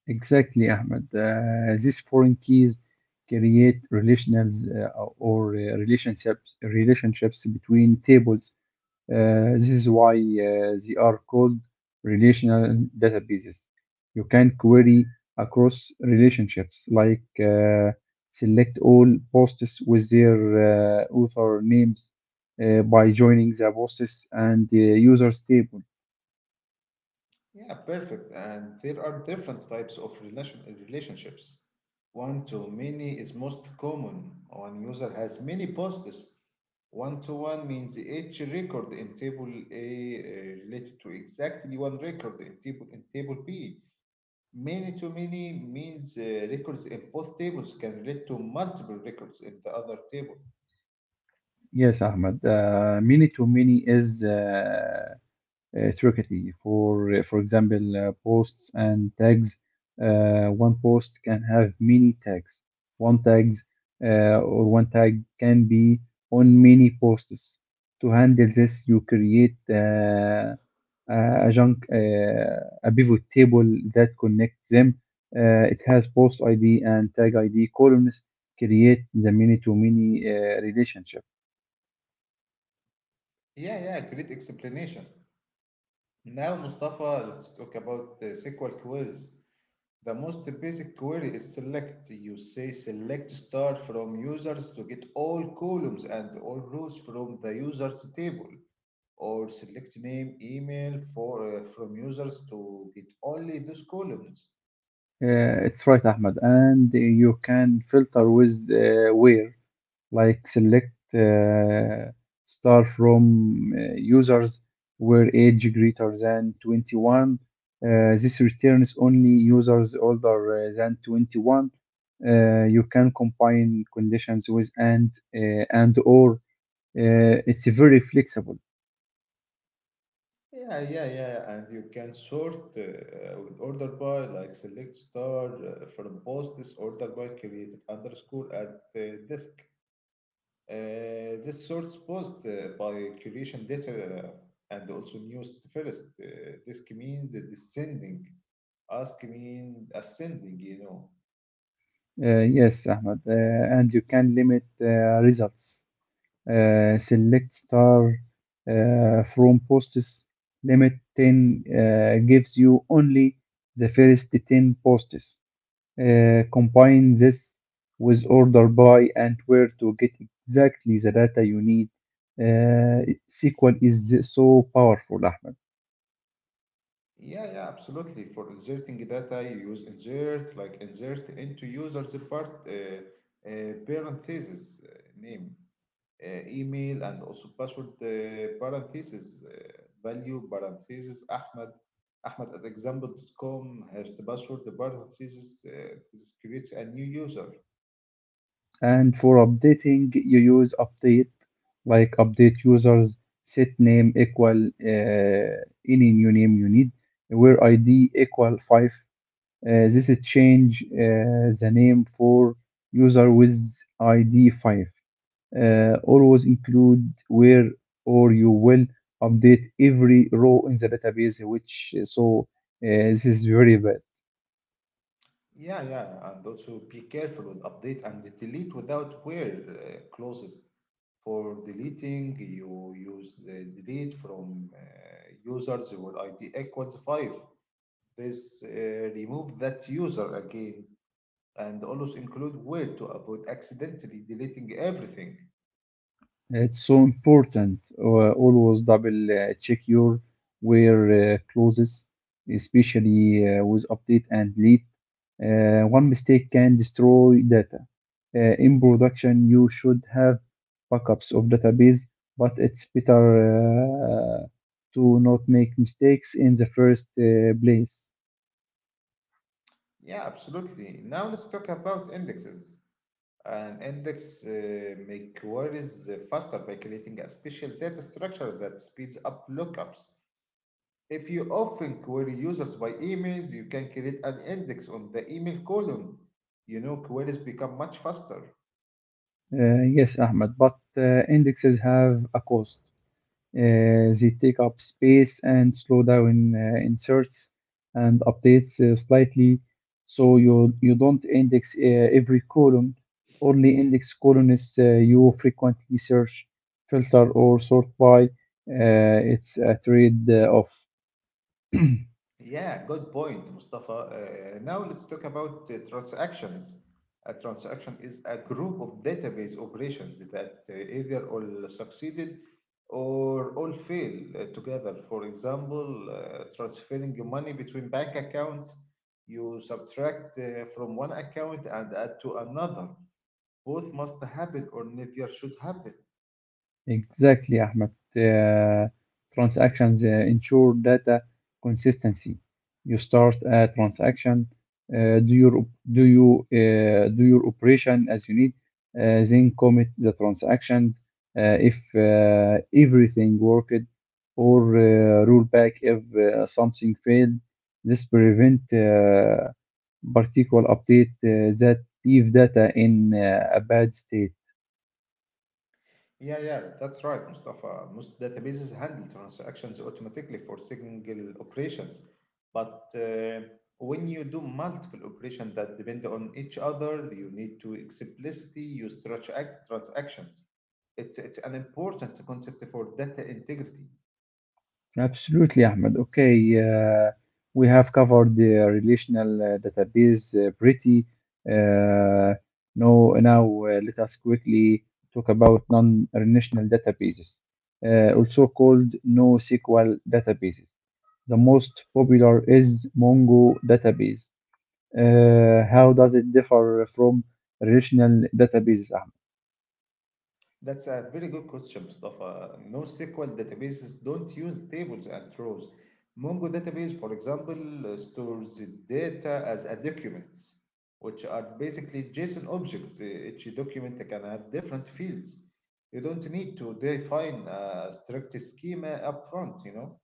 B: Exactly, Ahmed. Uh, these foreign keys create relationals uh, or uh, relationships relationships between tables. Uh, this is why uh, they are called relational databases. You can query across relationships, like uh, select all posts with their uh, author names uh, by joining the posts and the users table.
A: Yeah, perfect. And there are different types of relation relationships. One to many is most common. One user has many posts. One to one means each record in table A uh, related to exactly one record in table in table B. Many to many means uh, records in both tables can relate to multiple records in the other table.
B: Yes, Ahmed. Uh, many to many is uh, uh, Turkey. For uh, for example, uh, posts and tags. Uh, one post can have many tags. One tags uh, or one tag can be on many posts. To handle this, you create uh, a junk uh, a pivot table that connects them. Uh, it has post I D and tag I D columns. Create the many-to-many uh, relationship.
A: Yeah, yeah, great explanation. Now, Mustafa, let's talk about the S Q L queries. The most basic query is select. You say select star from users to get all columns and all rows from the users table, or select name, email for uh, from users to get only those columns.
B: Uh, it's right, Ahmed. And you can filter with uh, where, like select uh, star from uh, users where age greater than twenty-one. Uh, this returns only users older uh, than twenty-one. Uh, you can combine conditions with and uh, and or. Uh, it's very flexible.
A: Yeah, yeah, yeah. And you can sort uh, with order by, like select star uh, from posts, order by created underscore at uh, disk. Uh, this source posed uh, by collation data uh, and also news first. Uh, this means descending. Ask mean ascending, you know.
B: Uh, yes, Ahmed. Uh, and you can limit uh, results. Uh, select star uh, from posts limit ten uh, gives you only the first ten posts. Uh, combine this with order by and where to get exactly the data you need. Uh, S Q L is so powerful, Ahmed.
A: Yeah, yeah, absolutely. For inserting data, you use insert, like insert into users part uh, uh, parentheses uh, name, uh, email and also password uh, parentheses uh, value parentheses Ahmed Ahmed at example example.com has the password the parentheses uh, this creates a new user.
B: And for updating, you use update, like update users, set name equal uh, any new name you need, where I D equal five. Uh, this is change uh, the name for user with I D five. Uh, always include where or you will update every row in the database, which uh, so uh, this is very bad.
A: Yeah, yeah, and also be careful with update and delete without where uh, clauses. For deleting, you use the delete from uh, users where I D equals five. This uh, remove that user again and also include where to avoid accidentally deleting everything.
B: It's so important. Uh, always double uh, check your wear uh, clothes, especially uh, with update and leak. Uh, one mistake can destroy data. Uh, in production, you should have backups of database, but it's better uh, to not make mistakes in the first uh, place.
A: Yeah, absolutely. Now let's talk about indexes. An index uh, make queries faster by creating a special data structure that speeds up lookups. If you often query users by emails, you can create an index on the email column. You know, queries become much faster.
B: Uh, yes, Ahmed, but uh, indexes have a cost. Uh, they take up space and slow down uh, inserts and updates uh, slightly. So you, you don't index uh, every column, only index columns uh, you frequently search, filter, or sort by. Uh, it's a trade off.
A: Yeah, good point, Mustafa. Uh, now let's talk about uh, transactions. A transaction is a group of database operations that uh, either all succeeded or all failed uh, together. For example, uh, transferring your money between bank accounts, you subtract uh, from one account and add to another. Both must happen or neither should happen.
B: Exactly, Ahmed. Uh, transactions uh, ensure data consistency. You start a transaction, uh, do your op- do you uh, do your operation as you need, uh, then commit the transactions. Uh, if uh, everything worked, or uh, roll back if uh, something failed, this prevent uh, particular update uh, that leave data in uh, a bad state.
A: Yeah, yeah, that's right, Mustafa. Most databases handle transactions automatically for single operations, but uh, when you do multiple operations that depend on each other, you need to explicitly use transact- transactions. It's it's an important concept for data integrity.
B: Absolutely, Ahmed. Okay, uh, we have covered the relational uh, database uh, pretty. Uh, no, now uh, let us quickly talk about non-relational databases, uh, also called NoSQL databases. The most popular is Mongo database. Uh, how does it differ from relational databases, Ahmed?
A: That's a very good question, Mustafa. NoSQL databases don't use tables and rows. Mongo database, for example, uh, stores the data as a documents, which are basically JSON objects. Uh, Each document can have different fields. You don't need to define a strict schema upfront, you know?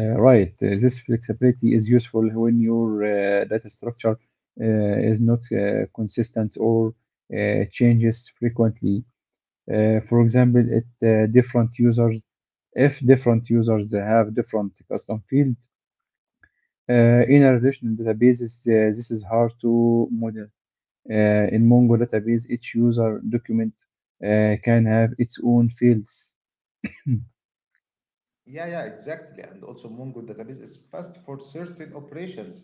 B: Uh, Right. Uh, This flexibility is useful when your uh, data structure uh, is not uh, consistent or uh, changes frequently. Uh, For example, it uh, different users, if different users have different custom fields uh, in a relational databases, uh, this is hard to model. Uh, in Mongo database, each user document uh, can have its own fields.
A: Yeah, yeah, exactly. And also, Mongo database is fast for certain operations,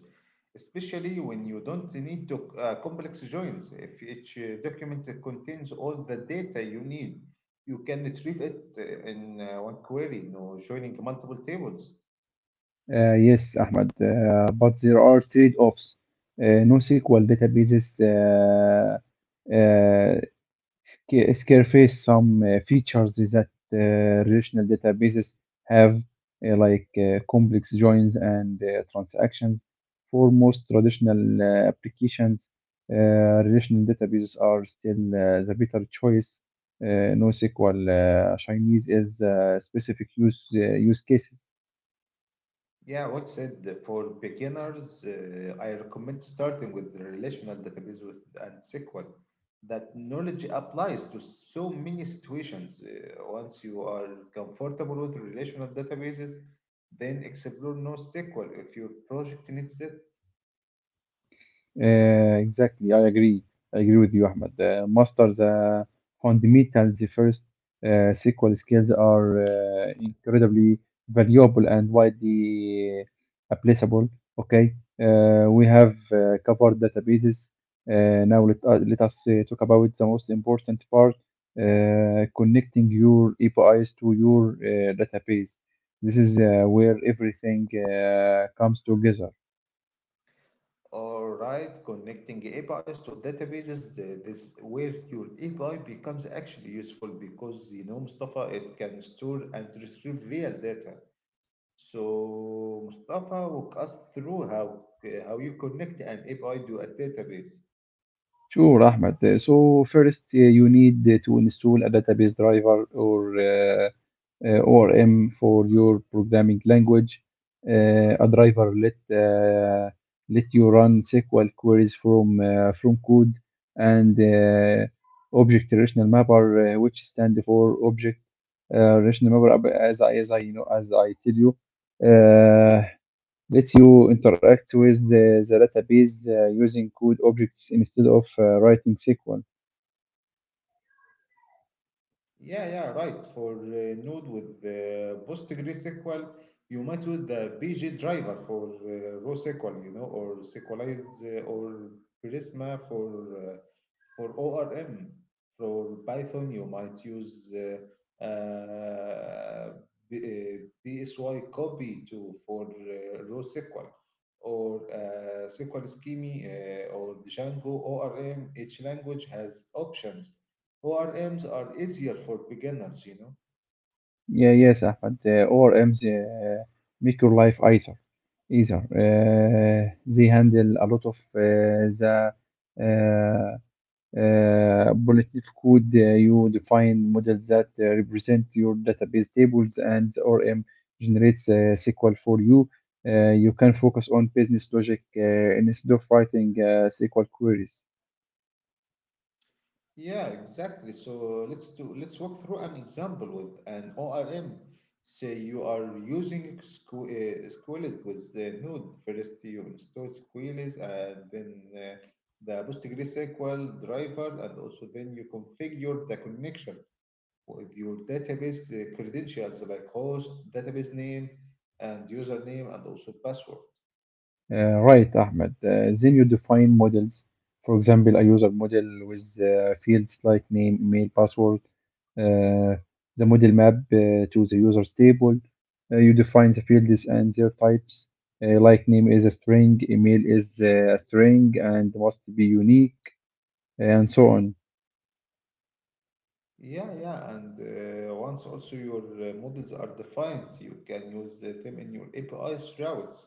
A: especially when you don't need to uh, complex joins. If each uh, document contains all the data you need, you can retrieve it uh, in uh, one query, no joining multiple tables.
B: Uh, yes, Ahmed, uh, but there are trade-offs. Uh, NoSQL databases uh, uh, Sca- Scarface, some uh, features is that uh, relational databases have uh, like uh, complex joins and uh, transactions. For most traditional uh, applications, uh, relational databases are still uh, the better choice. Uh, NoSQL uh, Chinese is uh, specific use uh, use cases.
A: Yeah, what said uh, for beginners, uh, I recommend starting with the relational database with and S Q L. That knowledge applies to so many situations. Uh, once you are comfortable with relational databases, then explore NoSQL if your project needs it.
B: Uh, exactly, I agree. I agree with you, Ahmed. Uh, master the fundamentals first. Uh, S Q L skills are uh, incredibly valuable and widely applicable. Okay, uh, we have uh, covered databases. Uh, now let, uh, let us uh, talk about the most important part: uh, connecting your A P Is to your uh, database. This is uh, where everything uh, comes together.
A: All right, connecting A P Is to databases, uh, this where your A P I becomes actually useful because you know Mustafa, it can store and retrieve real data. So Mustafa, walk us through how how you connect an A P I to a database.
B: Sure, Ahmed. Uh, So first, uh, you need uh, to install a database driver or uh, uh, O R M for your programming language. Uh, a driver let uh, let you run S Q L queries from uh, from code and uh, object relational mapper, uh, which stand for object uh, relational mapper. Uh, As I as I you know as I tell you, uh, lets you interact with the, the database uh, using code objects instead of uh, writing S Q L.
A: Yeah, yeah, right. For uh, Node with uh, PostgreSQL, you might use the B G driver for uh, raw S Q L, you know, or SQLize uh, or Prisma for uh, for O R M. For Python, you might use uh, uh, B- uh, B S Y copy to for uh, raw S Q L or uh, S Q L Scheme uh, or Django O R M. Each language has options. O R Ms are easier for beginners, you know.
B: Yeah, yes, Ahmed. Uh, O R Ms uh, make your life easier. Easier. Uh, they handle a lot of uh, the uh, uh, primitive code. Uh, you define models that uh, represent your database tables, and the O R M generates uh, S Q L for you. Uh, you can focus on business logic uh, instead of writing uh, S Q L queries.
A: Yeah, exactly. So let's do let's walk through an example with an O R M. Say you are using Squ- uh, Squilis with the Node. First, you install Squilis and then uh, the PostgreSQL driver, and also then you configure the connection with your database uh, credentials like host, database name, and username, and also password.
B: Uh, right, Ahmed. Uh, then you define models. For example, a user model with uh, fields like name, email, password, uh, the model map uh, to the user's table. Uh, you define the fields and their types. Uh, like name is a string, email is uh, a string and must be unique, and so on.
A: Yeah, yeah, and uh, once also your uh, models are defined, you can use the- them in your A P Is routes,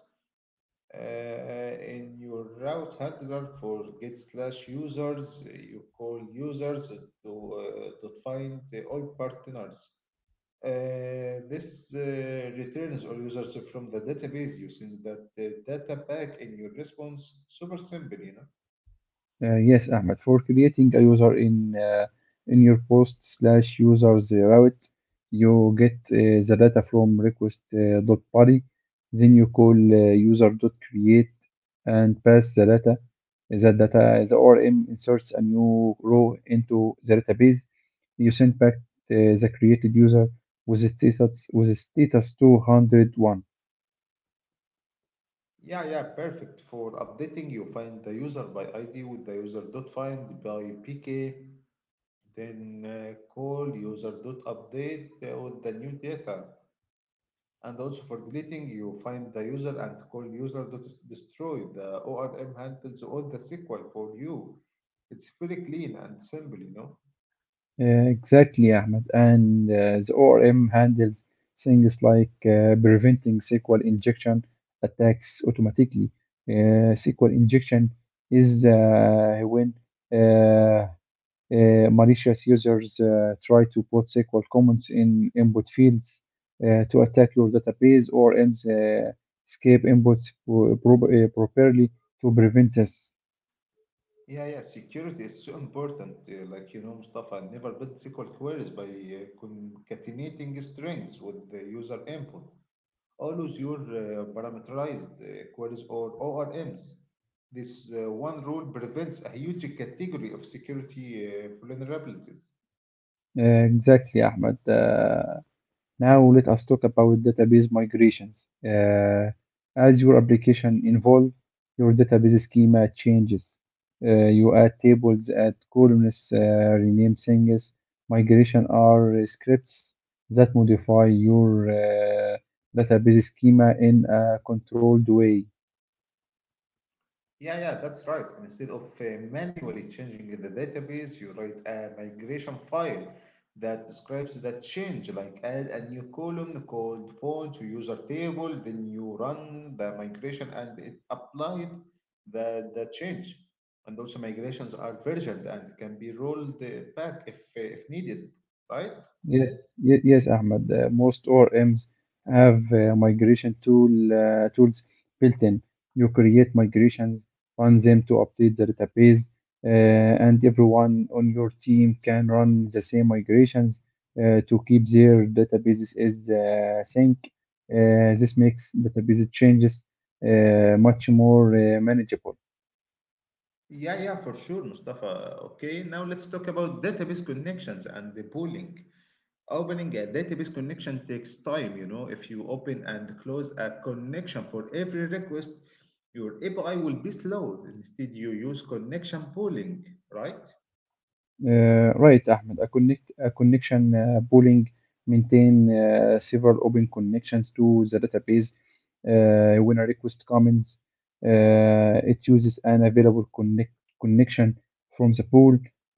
A: uh, in your route handler for get slash users. You call users to uh, to find the all partners. Uh, this uh, returns all users from the database. You send that uh, data back in your response. Super simple, you know.
B: Uh, yes, Ahmed, for creating a user in uh, in your post slash users uh, route, you get uh, the data from request uh, dot body, then you call uh, user dot create and pass the data. The data the O R M inserts a new row into the database. You send back uh, the created user with a status with a status two hundred one.
A: Yeah, yeah, perfect for updating. You find the user by I D with the user dot find by P K, then uh, call user dot update uh, with the new data. And also for deleting, you find the user and call user dot s- destroy. The O R M handles all the S Q L for you. It's very clean and simple, you know.
B: Uh, Exactly, Ahmed. And uh, the O R M handles things like uh, preventing S Q L injection attacks automatically. Uh, S Q L injection is uh, when uh, uh, malicious users uh, try to put S Q L comments in input fields uh, to attack your database. O R Ms uh, escape inputs pro- pro- uh, properly to prevent this.
A: Yeah, yeah, security is so important. Uh, like you know, Mustafa, I never built S Q L queries by uh, concatenating strings with the user input. Always use uh, parameterized uh, queries or O R Ms. This uh, one rule prevents a huge category of security uh, vulnerabilities.
B: Uh, exactly, Ahmed. Uh, Now let us talk about database migrations. Uh, as your application evolves, your database schema changes. Uh, you add tables, add columns, uh, rename things. Migration are scripts that modify your uh, database schema in a controlled way.
A: Yeah, yeah, that's right. Instead of uh, manually changing the database, you write a migration file that describes that change, like add a new column called phone to user table, then you run the migration and it applied the, the change. And also migrations are versioned and can be rolled uh, back if, uh, if needed, right?
B: Yes, ye- yes, Ahmed. Uh, most O R M's have uh, migration tool uh, tools built in. You create migrations, run them to update the database, uh, and everyone on your team can run the same migrations uh, to keep their databases as uh, sync. Uh, this makes database changes uh, much more uh, manageable.
A: Yeah, yeah, for sure, Mustafa. Okay, now let's talk about database connections and the pooling. Opening a database connection takes time, you know. If you open and close a connection for every request, your A P I will be slow. Instead, you use connection pooling, right?
B: Uh, right, Ahmed. A connect a connection uh, pooling maintain uh, several open connections to the database. Uh, when a request comes, uh, it uses an available connect connection from the pool.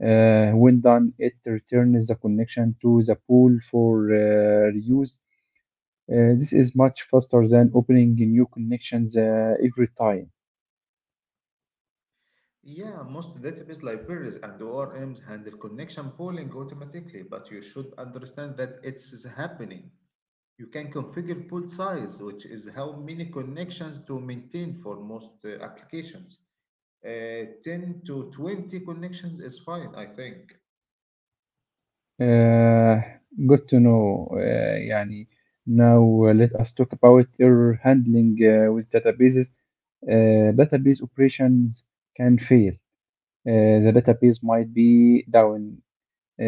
B: Uh, when done, it returns the connection to the pool for uh, reuse. Uh, this is much faster than opening new connections uh, every time.
A: Yeah, most database libraries and O R Ms handle connection pooling automatically, but you should understand that it's happening. You can configure pool size, which is how many connections to maintain for most uh, applications. Uh, ten to twenty connections is fine, I think.
B: Uh, Good to know. Uh, يعني now uh, let us talk about error handling uh, with databases. Uh, database operations can fail. Uh, the database might be down.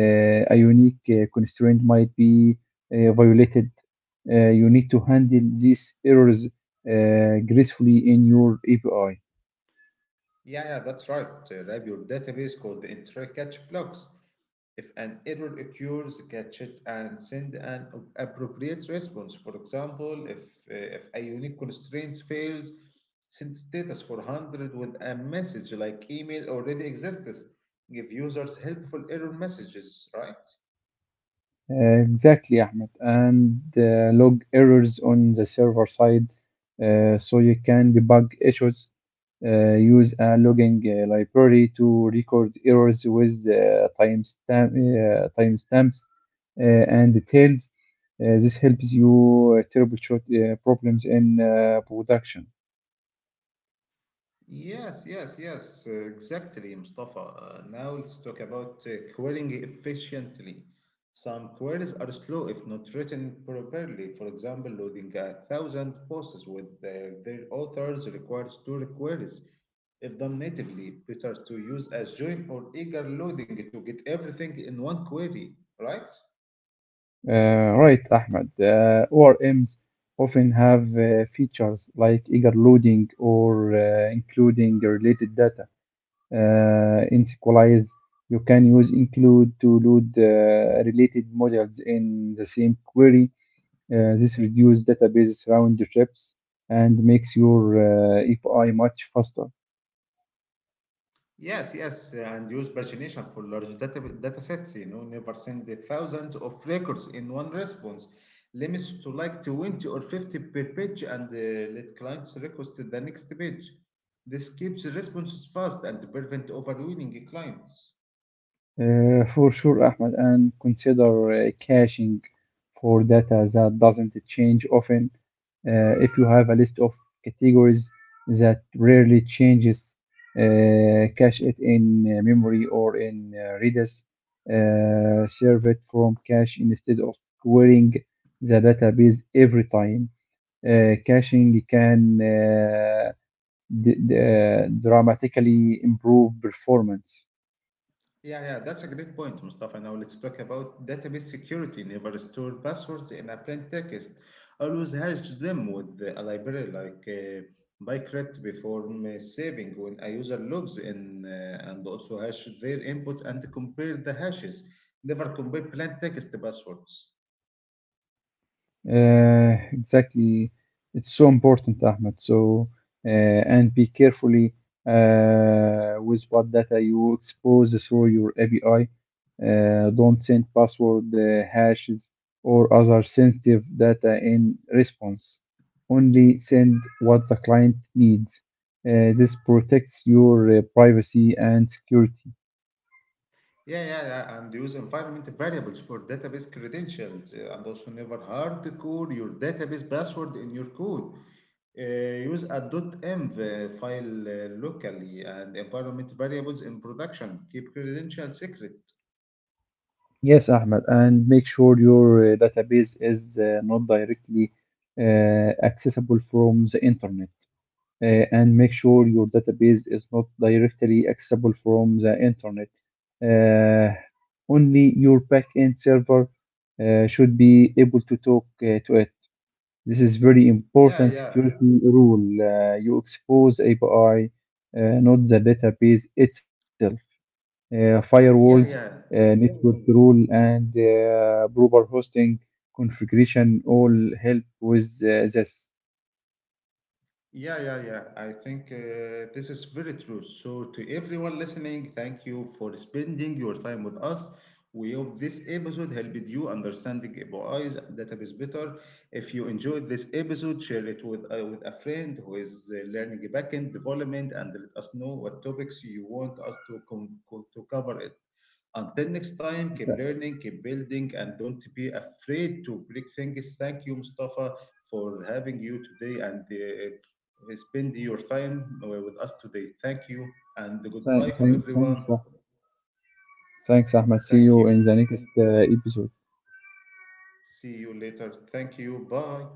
B: Uh, a unique uh, constraint might be uh, violated. Uh, you need to handle these errors uh, gracefully in your A P I.
A: Yeah, yeah, that's right. Uh, Rab, your database could enter catch blocks. If an error occurs, catch it and send an ap- appropriate response. For example, if uh, if a unique constraint fails, send status four hundred with a message like email already exists. Give users helpful error messages, right?
B: Uh, Exactly, Ahmed, and uh, log errors on the server side uh, so you can debug issues. Uh, use a logging uh, library to record errors with uh, timestamp, uh, timestamps uh, and details. Uh, this helps you uh, troubleshoot uh, problems in uh, production.
A: Yes, yes, yes, uh, exactly, Mustafa. Uh, now let's talk about uh, querying efficiently. Some queries are slow if not written properly. For example, loading a thousand posts with their, their authors requires two queries. If done natively, better to use as join or eager loading to get everything in one query, right?
B: Uh, right, Ahmed. Uh, O R Ms often have uh, features like eager loading or uh, including related data. uh, in SQLize. You can use include to load uh, related models in the same query. Uh, this reduces database round trips and makes your uh, A P I much faster.
A: Yes, yes, and use pagination for large data, data sets. You know, never send the thousands of records in one response. Limits to like twenty or fifty per page and uh, let clients request the next page. This keeps responses fast and prevent overwhelming clients.
B: Uh, for sure, Ahmed, and consider uh, caching for data that doesn't change often. Uh, if you have a list of categories that rarely changes, uh, cache it in uh, memory or in uh, Redis. Uh, serve it from cache instead of querying the database every time. Uh, caching can uh, d- d- uh, dramatically improve performance.
A: Yeah, yeah, that's a great point, Mustafa. Now let's talk about database security. Never store passwords in a plain text. Always hash them with a library like uh, bycrypt before um, saving when a user logs in, uh, and also hash their input and compare the hashes. Never compare plain text passwords.
B: Uh, exactly. It's so important, Ahmed. So, uh, and be carefully uh, with what data you expose through your A P I. Uh, don't send password uh, hashes or other sensitive data in response. Only send what the client needs. Uh, this protects your uh, privacy and security.
A: Yeah, yeah, yeah, and use environment variables for database credentials, uh, and also never hardcore your database password in your code. Uh, use a .env uh, file uh, locally and environment variables in production. Keep credentials secret.
B: Yes, Ahmed, and make sure your uh, database is uh, not directly uh, accessible from the internet. Uh, and make sure your database is not directly accessible from the internet. Uh, only your backend server uh, should be able to talk uh, to it. This is very
A: Yeah,
B: important
A: yeah,
B: security rule. Uh, you expose A P I, uh, not the database itself uh, firewalls,
A: yeah, yeah.
B: uh, network rule, and uh, proper hosting configuration all help with uh, this. Th-
A: Yeah, yeah, yeah. I think uh, this is very true. So, to everyone listening, thank you for spending your time with us. We hope this episode helped you understanding A P Is and database better. If you enjoyed this episode, share it with, uh, with a friend who is uh, learning backend development and let us know what topics you want us to, com- co- to cover it. Until next time, keep
B: th-
A: learning, keep building, and don't be afraid to break things. Thank you, Mustafa, for having you today and uh, spend your time uh, with us today. Thank you and goodbye
B: Thanks,
A: for
B: thanks,
A: everyone.
B: thanks, Ahmed. See
A: Thank
B: you
A: you.
B: in the next uh, episode.
A: See you later. Thank you. Bye.